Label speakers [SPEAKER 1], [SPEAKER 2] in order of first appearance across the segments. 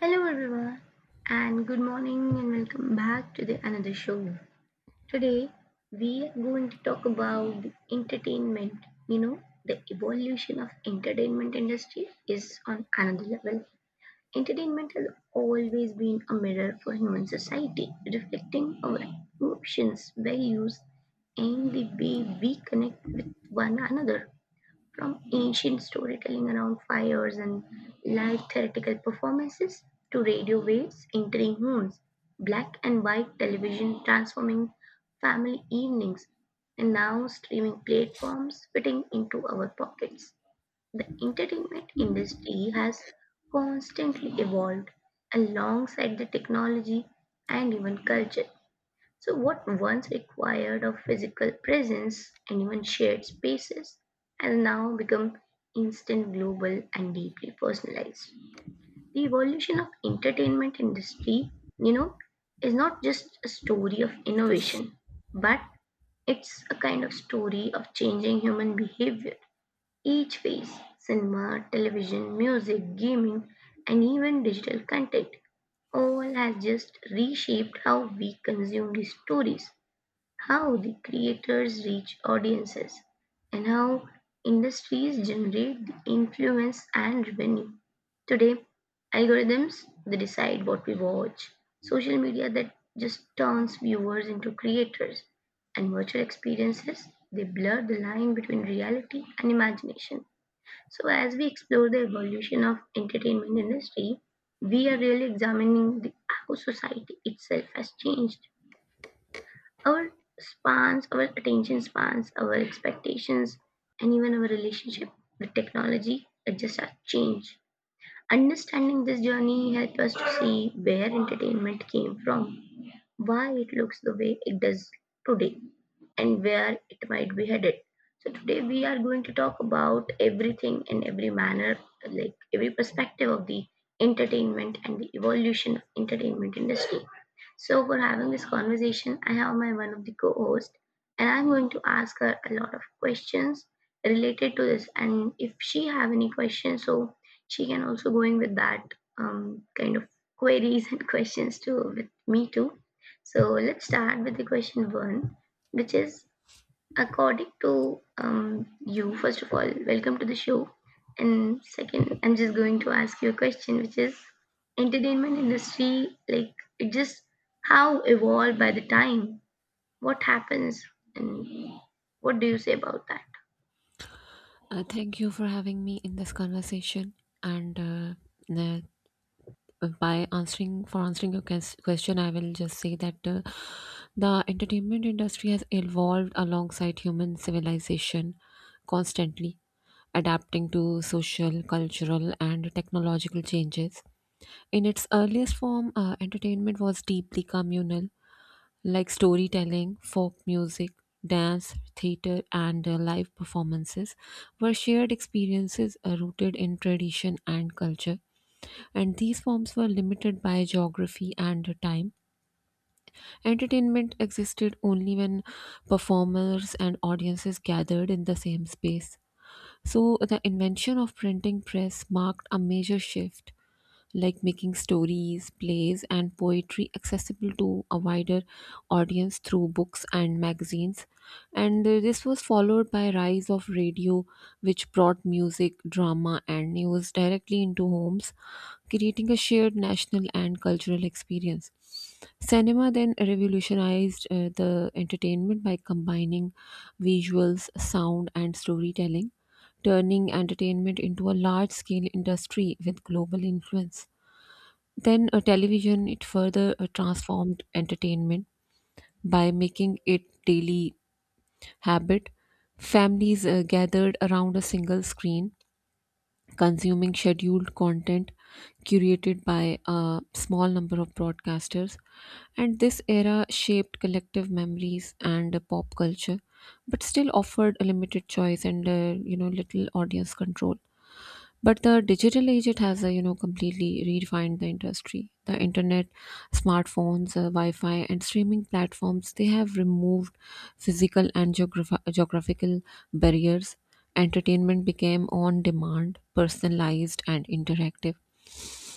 [SPEAKER 1] Hello everyone and good morning and welcome back to the another show. Today we are going to talk about the entertainment. You know, the evolution of entertainment industry is on another level. Entertainment has always been a mirror for human society, reflecting our emotions, values and the way we connect with one another. From ancient storytelling around fires and live theatrical performances to radio waves entering homes, black and white television transforming family evenings, and now streaming platforms fitting into our pockets. The entertainment industry has constantly evolved alongside the technology and even culture. So, what once required of physical presence and even shared spaces has now become instant, global, and deeply personalized. The evolution of entertainment industry, you know, is not just a story of innovation, but it's a kind of story of changing human behavior. Each phase, cinema, television, music, gaming, and even digital content, all has just reshaped how we consume these stories how the creators reach audiences, and how industries generate the influence and revenue. Today, algorithms they decide what we watch, social media that just turns viewers into creators, and virtual experiences they blur the line between reality and imagination. So as we explore the evolution of entertainment industry, we are really examining the, how society itself has changed our spans, our attention spans, our expectations, and even our relationship with technology, it just has changed. Understanding this journey helped us to see where entertainment came from, why it looks the way it does today, and where it might be headed. So today we are going to talk about everything in every manner, like every perspective of the entertainment and the evolution of entertainment industry. So for having this conversation, I have my one of the co-hosts and I'm going to ask her a lot of questions related to this. And if she have any questions, so she can also go in with that kind of queries and questions too with me too. So let's start with the question one which is according to you, first of all, welcome to the show. And second, I'm just going to ask you a question, which is entertainment industry, like it just how evolved by the time, what happens, and what do you say about that?
[SPEAKER 2] Thank you for having me in this conversation. And by answering your question, I will just say that the entertainment industry has evolved alongside human civilization constantly, adapting to social, cultural, and technological changes. In its earliest form, entertainment was deeply communal, like storytelling, folk music, dance, theater, and live performances, were shared experiences rooted in tradition and culture. And these forms were limited by geography and time. Entertainment existed only when performers and audiences gathered in the same space. So, the invention of printing press marked a major shift like making stories, plays, and poetry accessible to a wider audience through books and magazines. And this was followed by rise of radio, which brought music, drama, and news directly into homes, creating a shared national and cultural experience. Cinema then revolutionized the entertainment by combining visuals, sound, and storytelling, turning entertainment into a large scale industry with global influence. Then television it further transformed entertainment by making it daily habit. Families gathered around a single screen, consuming scheduled content curated by a small number of broadcasters. And this era shaped collective memories and pop culture, but still offered a limited choice and uh, little audience control. But the digital age, it has, completely redefined the industry. The internet, smartphones, Wi-Fi, and streaming platforms, they have removed physical and geographical barriers. Entertainment became on demand, personalized, and interactive,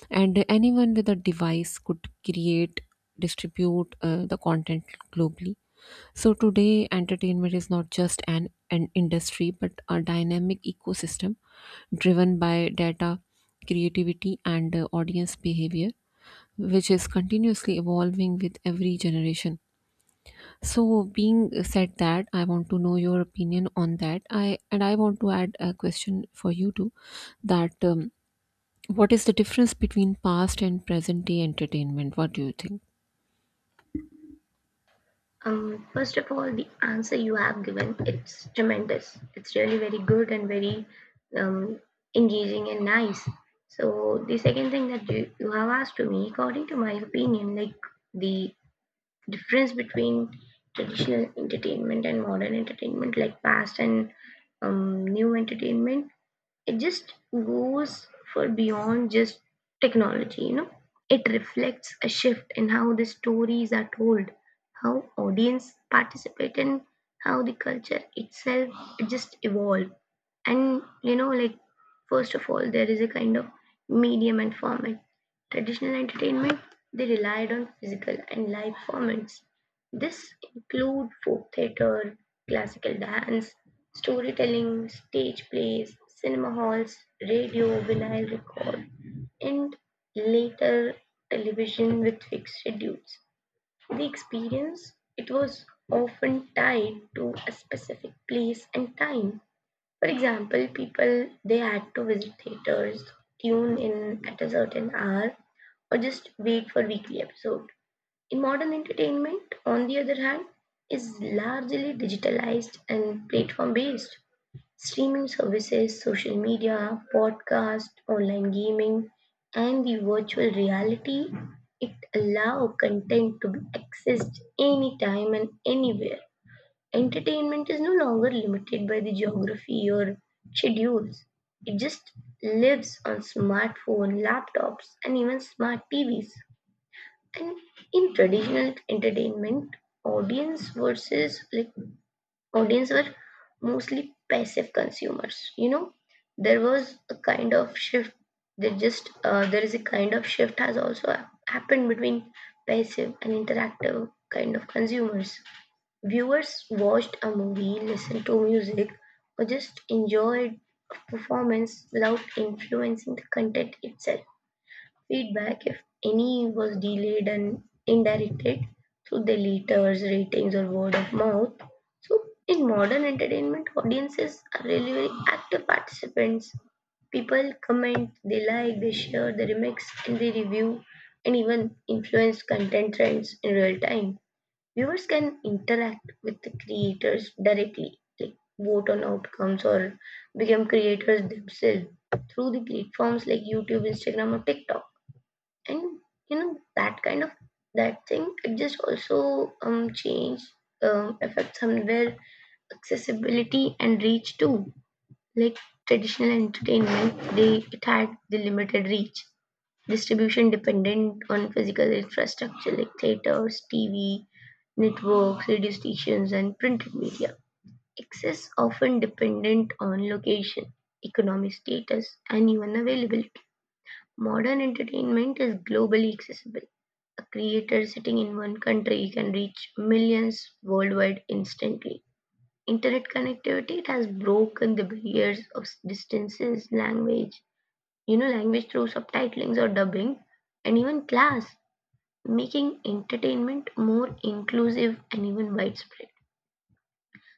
[SPEAKER 2] and anyone with a device could create, distribute the content globally. So today entertainment is not just an industry but a dynamic ecosystem driven by data, creativity, and audience behavior, which is continuously evolving with every generation. So being said that, I want to know your opinion on that, I and I want to add a question for you too, that what is the difference between past and present day entertainment? What do you think?
[SPEAKER 1] First of all, the answer you have given, it's tremendous. It's really very good and very um, engaging and nice. So the second thing that you have asked to me, according to my opinion, like the difference between traditional entertainment and modern entertainment, like past and new entertainment, it just goes for beyond just technology, you know, it reflects a shift in how the stories are told, how audience participate and how the culture itself just evolve. And you know, like first of all, there is a kind of medium and format. Traditional entertainment, they relied on physical and live formats. This include folk theatre, classical dance, storytelling, stage plays, cinema halls, radio, vinyl record, and later television with fixed schedules. The experience, it was often tied to a specific place and time. For example, people they had to visit theaters, tune in at a certain hour, or just wait for weekly episodes. Modern entertainment, on the other hand, is largely digitalized and platform based. Streaming services, social media, podcast, online gaming, and the virtual reality it allow content to be accessed anytime and anywhere. Entertainment is no longer limited by the geography or schedules. It just lives on smartphone, laptops, and even smart TVs. And in traditional entertainment, audience versus like audience were mostly passive consumers. You know, there was a kind of shift. There is a kind of shift has also happened between passive and interactive kind of consumers. Viewers watched a movie, listened to music, or just enjoyed a performance without influencing the content itself. Feedback, if any, was delayed and indirected through the letters, ratings, or word of mouth. So, in modern entertainment, audiences are really very active participants. People comment, they like, they share, they remix, and they review, and even influence content trends in real time. Viewers can interact with the creators directly, like vote on outcomes or become creators themselves through the platforms like YouTube, Instagram, or TikTok. And you know, that kind of that thing, it just also change, affects somewhere accessibility and reach too. Like traditional entertainment, they it had the limited reach, distribution dependent on physical infrastructure like theaters, TV networks, radio stations and printed media. Access often dependent on location, economic status and even availability. Modern entertainment is globally accessible. A creator sitting in one country can reach millions worldwide instantly. Internet connectivity it has broken the barriers of distances, language, you know, language through subtitlings or dubbing, and even class, making entertainment more inclusive and even widespread.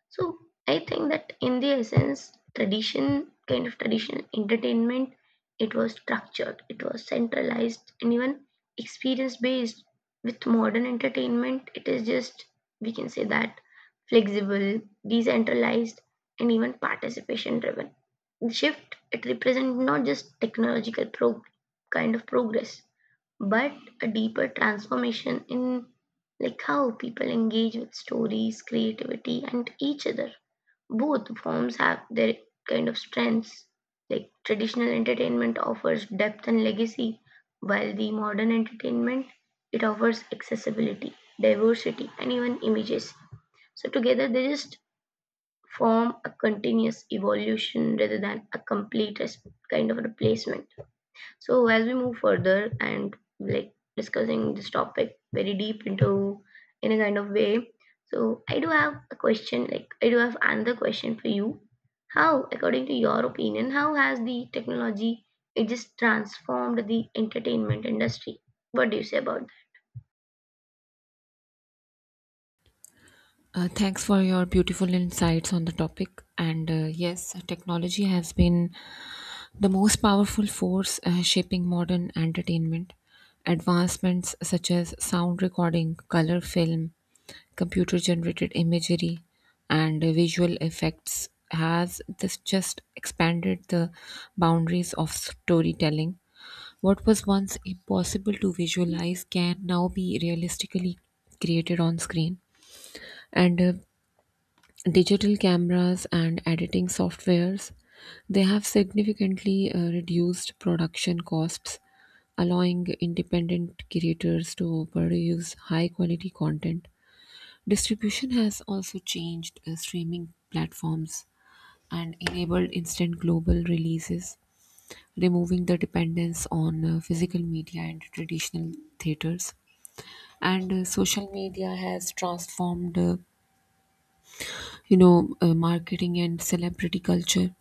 [SPEAKER 1] So I think that in the essence, traditional entertainment, it was structured, it was centralized, and even experience based. With modern entertainment, it is just, we can say that, flexible, decentralized, and even participation driven. The shift, it represents not just technological progress, but a deeper transformation in like how people engage with stories, creativity, and each other. Both forms have their kind of strengths. Like traditional entertainment offers depth and legacy, while the modern entertainment it offers accessibility, diversity, and even images. So together they just form a continuous evolution rather than a complete replacement. So as we move further and like discussing this topic very deep into in a kind of way, so I do have a question, like I do have another question for you. How, according to your opinion, how has the technology it just transformed the entertainment industry? What do you say about
[SPEAKER 2] Thanks for your beautiful insights on the topic. And yes, technology has been the most powerful force shaping modern entertainment. Advancements such as sound recording, color film, computer generated imagery, and visual effects, has this just expanded the boundaries of storytelling. What was once impossible to visualize can now be realistically created on screen. And Digital cameras and editing softwares they have significantly reduced production costs, allowing independent creators to produce high quality content. Distribution has also changed. Streaming platforms and enabled instant global releases, removing the dependence on physical media and traditional theaters. And social media has transformed marketing and celebrity culture.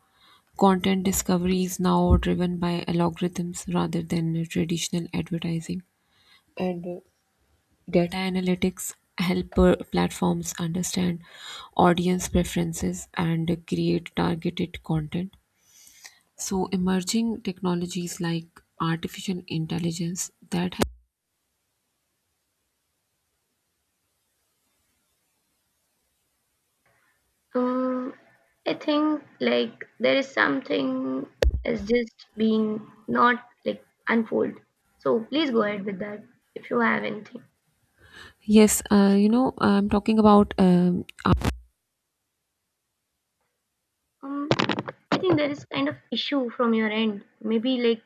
[SPEAKER 2] Content discovery is now driven by algorithms rather than traditional advertising. And Data analytics help platforms understand audience preferences and create targeted content. So emerging technologies like artificial intelligence that help.
[SPEAKER 1] that? I think like there is something has just been not like unfold. So please go ahead with that if you have anything.
[SPEAKER 2] Yes, I'm talking about.
[SPEAKER 1] Um, I think there is kind of issue from your end. Maybe like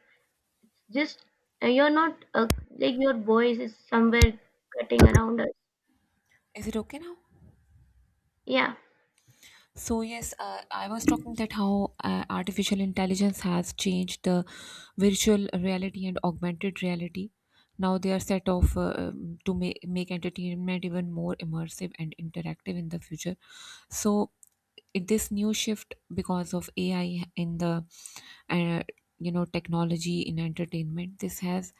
[SPEAKER 1] just you're not like your voice is somewhere cutting around us.
[SPEAKER 2] Is it okay now?
[SPEAKER 1] Yeah.
[SPEAKER 2] So yes, I was talking that how artificial intelligence has changed the virtual reality and augmented reality. Now they are set off to make entertainment even more immersive and interactive in the future. So this new shift because of AI in the uh, technology in entertainment, this has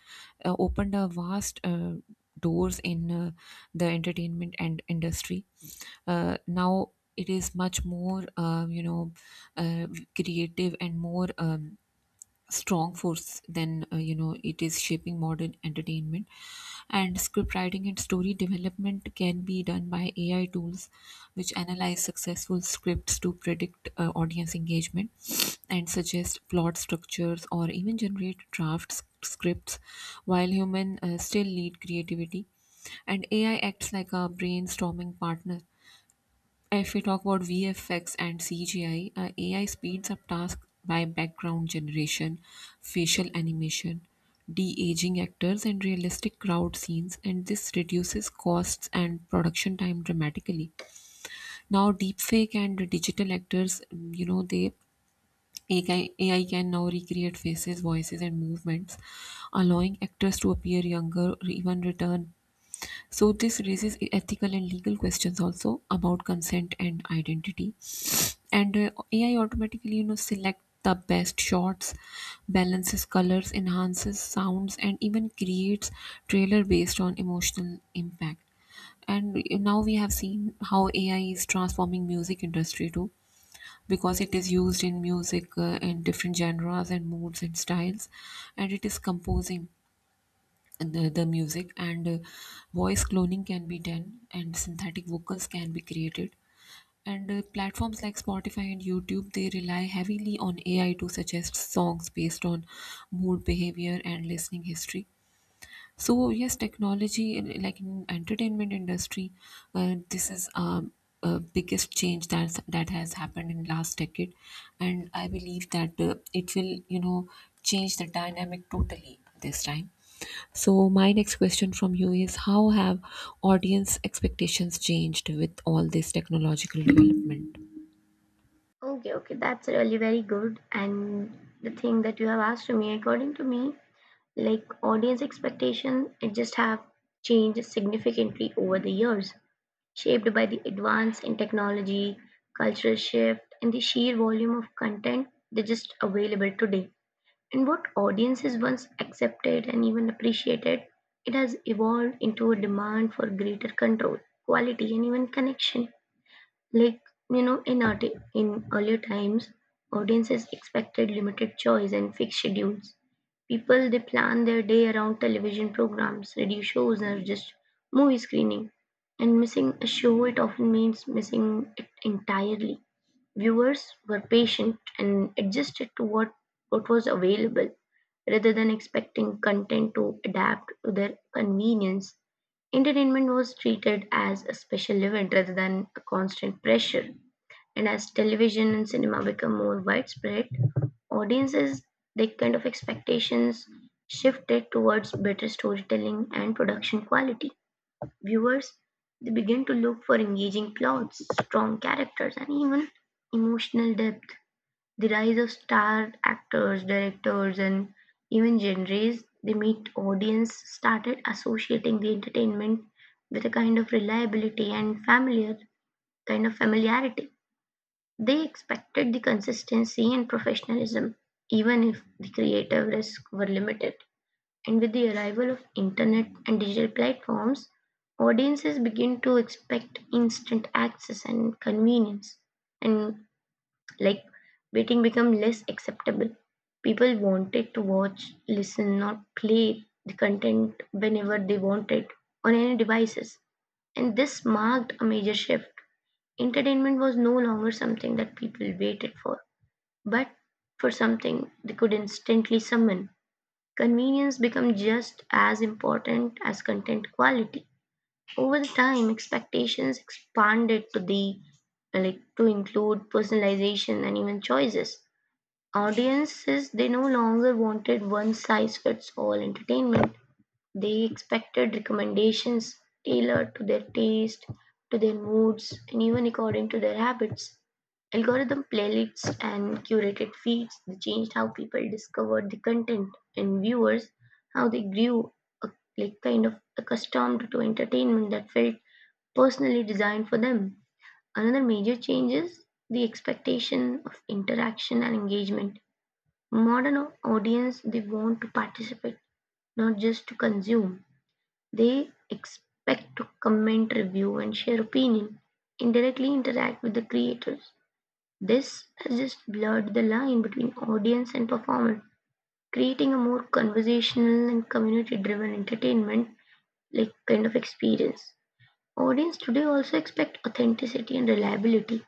[SPEAKER 2] opened a vast doors in the entertainment and industry. Now it is much more uh, creative and more strong force than it is shaping modern entertainment. And script writing and story development can be done by AI tools, which analyze successful scripts to predict audience engagement and suggest plot structures or even generate drafts scripts, while human still lead creativity and AI acts like a brainstorming partner. If we talk about VFX and CGI, AI speeds up tasks by background generation, facial animation, de-aging actors, and realistic crowd scenes, and this reduces costs and production time dramatically. Now, deepfake and digital actors, they AI can now recreate faces, voices, and movements, allowing actors to appear younger or even return. So, this raises ethical and legal questions also about consent and identity. And AI automatically select the best shots, balances colors, enhances sounds, and even creates trailer based on emotional impact. And now we have seen how AI is transforming music industry too, because it is used in music in different genres and moods and styles, and it is composing the music, and voice cloning can be done and synthetic vocals can be created. And platforms like Spotify and YouTube, they rely heavily on AI to suggest songs based on mood, behavior, and listening history. So yes, technology like in entertainment industry, this is biggest change that has happened in last decade, and I believe that it will change the dynamic totally this time. So my next question from you is how have audience expectations changed with all this technological development?
[SPEAKER 1] Okay, okay. That's really very good. And the thing that you have asked to me, according to me, like audience expectation, it just have changed significantly over the years, shaped by the advance in technology, cultural shift, and the sheer volume of content that just available today. And what audiences once accepted and even appreciated, it has evolved into a demand for greater control, quality, and even connection. Like, you know, in earlier times, audiences expected limited choice and fixed schedules. People, they plan their day around television programs, radio shows, or just movie screening. And missing a show, it often means missing it entirely. Viewers were patient and adjusted to what was available rather than expecting content to adapt to their convenience. Entertainment was treated as a special event rather than a constant pressure. And as television and cinema become more widespread, audiences their kind of expectations shifted towards better storytelling and production quality. Viewers, they begin to look for engaging plots, strong characters, and even emotional depth. The rise of star actors, directors, and even genres they meet audience started associating the entertainment with a kind of reliability and familiarity. They expected the consistency and professionalism, even if the creative risks were limited. And with the arrival of internet and digital platforms, audiences begin to expect instant access and convenience. And like waiting become less acceptable. People wanted to watch, listen, not play the content whenever they wanted on any devices. And this marked a major shift. Entertainment was no longer something that people waited for, but for something they could instantly summon. Convenience becomes just as important as content quality. Over the time, expectations expanded to the like to include personalization and even choices. Audiences they no longer wanted one size fits all entertainment. They expected recommendations tailored to their taste, to their moods, and even according to their habits. Algorithm playlists and curated feeds they changed how people discovered the content and viewers, how they grew uh, accustomed to entertainment that felt personally designed for them. Another major change is the expectation of interaction and engagement. Modern audience they want to participate, not just to consume. They expect to comment, review, and share opinion, indirectly interact with the creators. This has just blurred the line between audience and performer, creating a more conversational and community driven entertainment like kind of experience. Audience today also expect authenticity and reliability.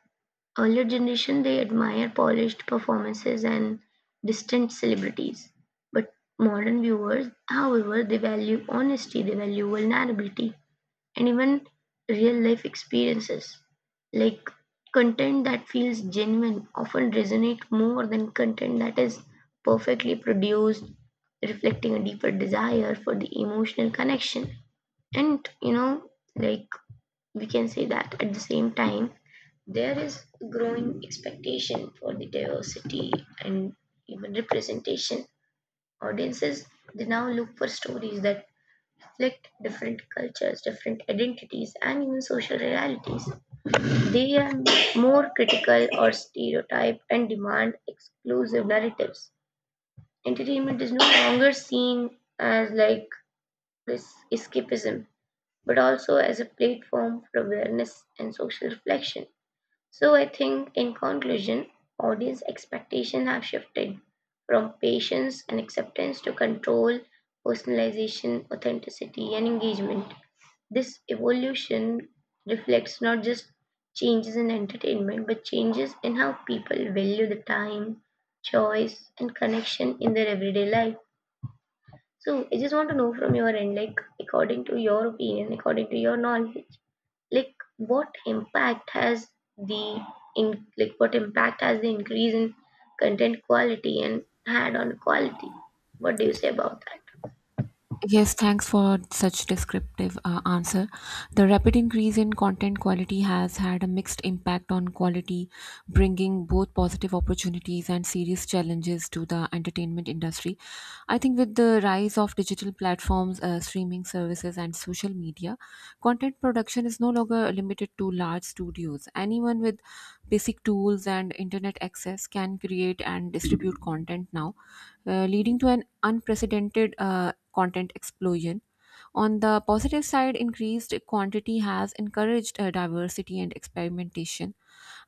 [SPEAKER 1] Earlier generation they admire polished performances and distant celebrities. But modern viewers, however, they value honesty, they value vulnerability, and even real life experiences. Like content that feels genuine often resonate more than content that is perfectly produced, reflecting a deeper desire for the emotional connection. And you know, like we can say that at the same time, there is growing expectation for the diversity and even representation. Audiences they now look for stories that reflect different cultures, different identities, and even social realities. They are more critical or stereotyped and demand exclusive narratives. Entertainment is no longer seen as like this escapism, but also as a platform for awareness and social reflection. So, I think in conclusion, audience expectations have shifted from patience and acceptance to control, personalization, authenticity, and engagement. This evolution reflects not just changes in entertainment, but changes in how people value the time, choice, and connection in their everyday life. So, I just want to know from your end, like, according to your opinion, according to your knowledge, like, what impact has the in like what impact has the increase in content quality and had on quality? What do you say about that?
[SPEAKER 2] Yes, thanks for such descriptive answer. The rapid increase in content quality has had a mixed impact on quality, bringing both positive opportunities and serious challenges to the entertainment industry. I think with the rise of digital platforms, streaming services, and social media, content production is no longer limited to large studios. Anyone with basic tools and internet access can create and distribute content now, leading to an unprecedented content explosion. On the positive side, increased quantity has encouraged diversity and experimentation,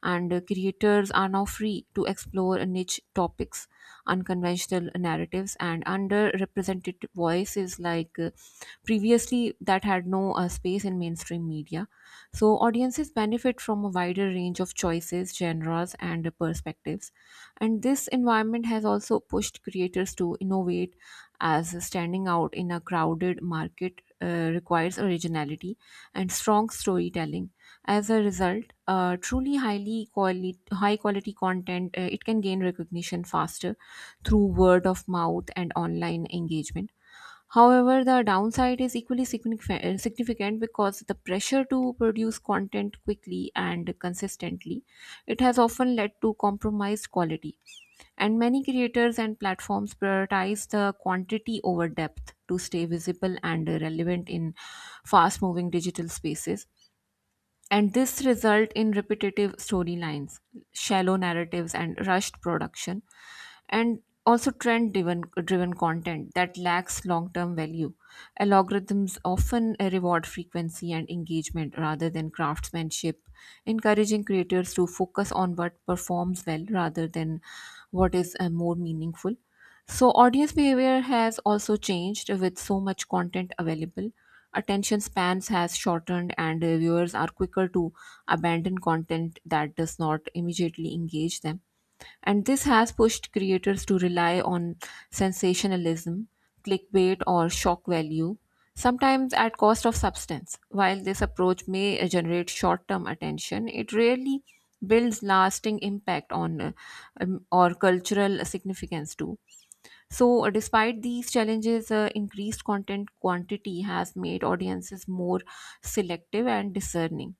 [SPEAKER 2] and creators are now free to explore niche topics, unconventional narratives, and underrepresented voices like previously that had no space in mainstream media. So, audiences benefit from a wider range of choices, genres, and perspectives. And this environment has also pushed creators to innovate, as standing out in a crowded market requires originality and strong storytelling. As a result, truly high quality content it can gain recognition faster through word of mouth and online engagement. However, the downside is equally significant, because the pressure to produce content quickly and consistently, it has often led to compromised quality, and many creators and platforms prioritize the quantity over depth to stay visible and relevant in fast moving digital spaces. And this result in repetitive storylines, shallow narratives, and rushed production, and also trend driven content that lacks long term value. Algorithms often reward frequency and engagement rather than craftsmanship, encouraging creators to focus on what performs well rather than what is more meaningful. So audience behavior has also changed with so much content available. Attention spans has shortened, and viewers are quicker to abandon content that does not immediately engage them. And this has pushed creators to rely on sensationalism, clickbait, or shock value, sometimes at cost of substance. While this approach may generate short term attention, it rarely builds lasting impact on or cultural significance too. So, despite these challenges, increased content quantity has made audiences more selective and discerning.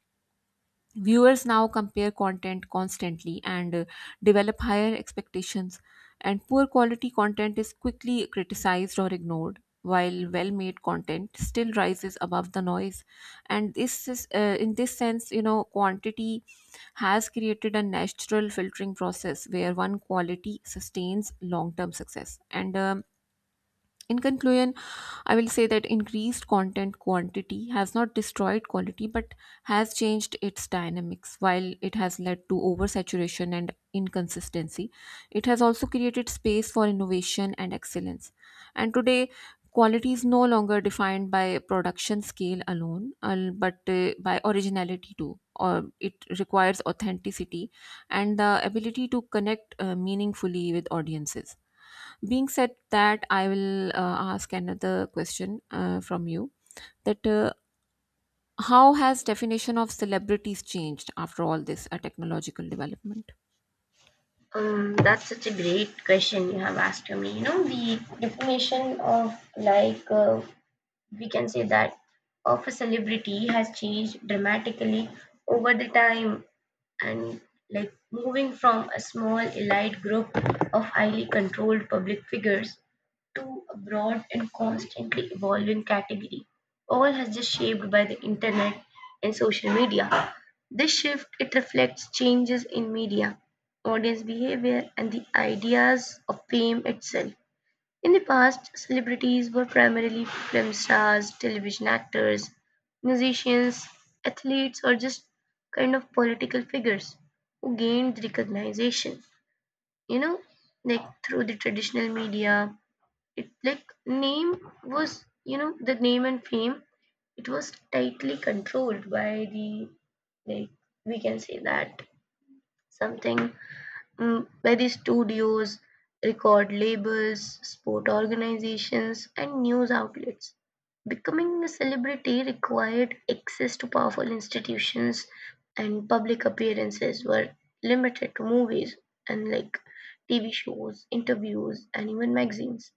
[SPEAKER 2] Viewers now compare content constantly, and develop higher expectations, and poor quality content is quickly criticized or ignored, while well-made content still rises above the noise. And this is, in this sense, quantity has created a natural filtering process where one quality sustains long-term success. And In conclusion, I will say that increased content quantity has not destroyed quality but has changed its dynamics. While it has led to oversaturation and inconsistency, it has also created space for innovation and excellence. And today, quality is no longer defined by production scale alone, but by originality too. Or it requires authenticity and the ability to connect meaningfully with audiences. Being said that, I will ask another question from you. That how has definition of celebrities changed after all this technological development?
[SPEAKER 1] That's such a great question you have asked to me. You know, the definition of like we can say that of a celebrity has changed dramatically over the time and like moving from a small elite group of highly controlled public figures to a broad and constantly evolving category, all has just shaped by the internet and social media. This shift it reflects changes in media, audience behavior, and the ideas of fame itself. In the past, celebrities were primarily film stars, television actors, musicians, athletes, or just kind of political figures who gained recognition. You know, like through the traditional media, it like name was, you know, the name and fame, it was tightly controlled by the, like, we can say that something very studios, record labels, sport organizations, and news outlets. Becoming a celebrity required access to powerful institutions, and public appearances were limited to movies and like TV shows, interviews, and even magazines.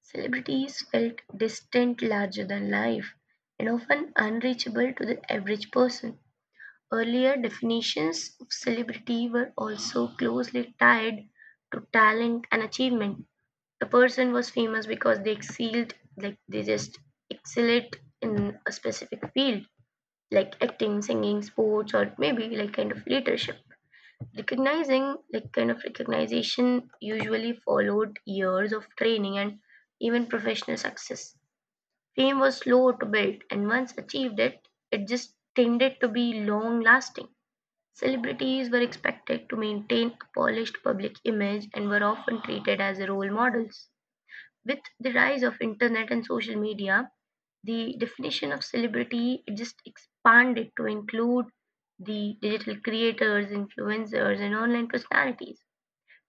[SPEAKER 1] Celebrities felt distant, larger than life, and often unreachable to the average person. Earlier definitions of celebrity were also closely tied to talent and achievement. A person was famous because they excelled, like they just excelled in a specific field, like acting, singing, sports, or maybe like kind of leadership. Recognizing, like kind of recognition, usually followed years of training and even professional success. Fame was slow to build, and once achieved it, it just tended to be long lasting. Celebrities were expected to maintain a polished public image and were often treated as role models. With the rise of internet and social media, the definition of celebrity just expanded to include the digital creators, influencers, and online personalities.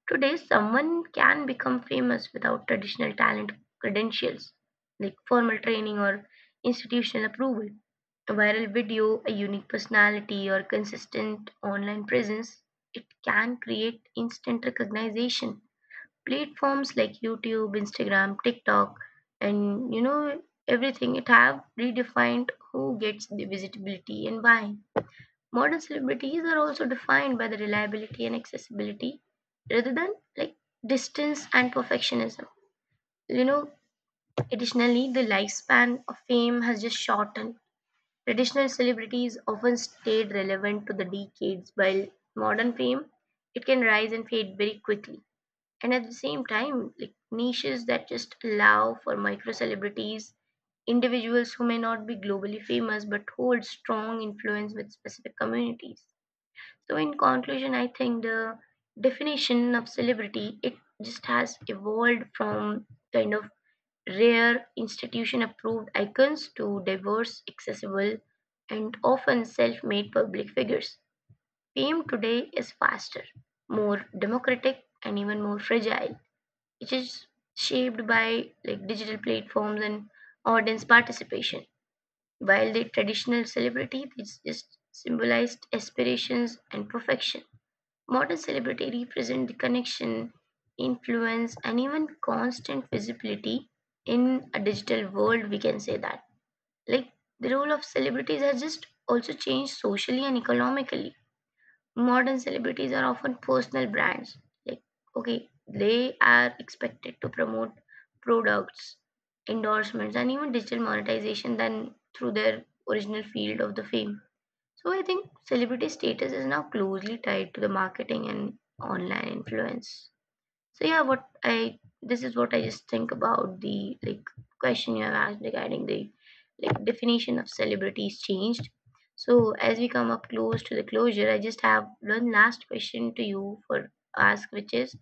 [SPEAKER 1] Today, someone can become famous without traditional talent credentials like formal training or institutional approval. A viral video, a unique personality, or consistent online presence, it can create instant recognition. Platforms like YouTube, Instagram, TikTok, and you know everything it have redefined who gets the visibility and why. Modern celebrities are also defined by the reliability and accessibility rather than like distance and perfectionism. You know, additionally, the lifespan of fame has just shortened. Traditional celebrities often stayed relevant to the decades, while modern fame it can rise and fade very quickly. And at the same time, like niches that just allow for micro celebrities, individuals who may not be globally famous but hold strong influence with specific communities. So in conclusion, I think the definition of celebrity it just has evolved from kind of rare institution approved icons to diverse, accessible, and often self-made public figures. Fame today is faster, more democratic, and even more fragile, which is shaped by like digital platforms and audience participation. While the traditional celebrity is just symbolized aspirations and perfection. Modern celebrity represent the connection, influence, and even constant visibility in a digital world. We can say that. Like the role of celebrities has just also changed socially and economically. Modern celebrities are often personal brands. Like okay, they are expected to promote products, endorsements, and even digital monetization than through their original field of the fame. So I think celebrity status is now closely tied to the marketing and online influence. So yeah, what I this is what I just think about the like question you have asked regarding the like definition of celebrities changed. So as we come up close to the closure, I just have one last question to you for ask, which is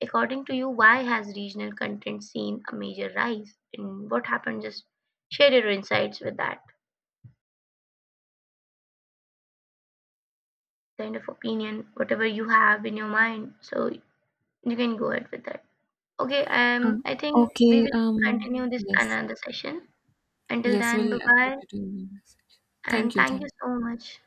[SPEAKER 1] according to you, why has regional content seen a major rise? And what happened? Just share your insights with that. Kind of opinion, whatever you have in your mind. So you can go ahead with that. Okay,
[SPEAKER 2] Uh,
[SPEAKER 1] I think we
[SPEAKER 2] okay.
[SPEAKER 1] will continue this
[SPEAKER 2] Yes.
[SPEAKER 1] another session. Until
[SPEAKER 2] Yes.
[SPEAKER 1] then, bye
[SPEAKER 2] We'll
[SPEAKER 1] bye,
[SPEAKER 2] continue in the next.
[SPEAKER 1] and
[SPEAKER 2] Thank you.
[SPEAKER 1] thank
[SPEAKER 2] Thank.
[SPEAKER 1] you
[SPEAKER 2] you.
[SPEAKER 1] so much.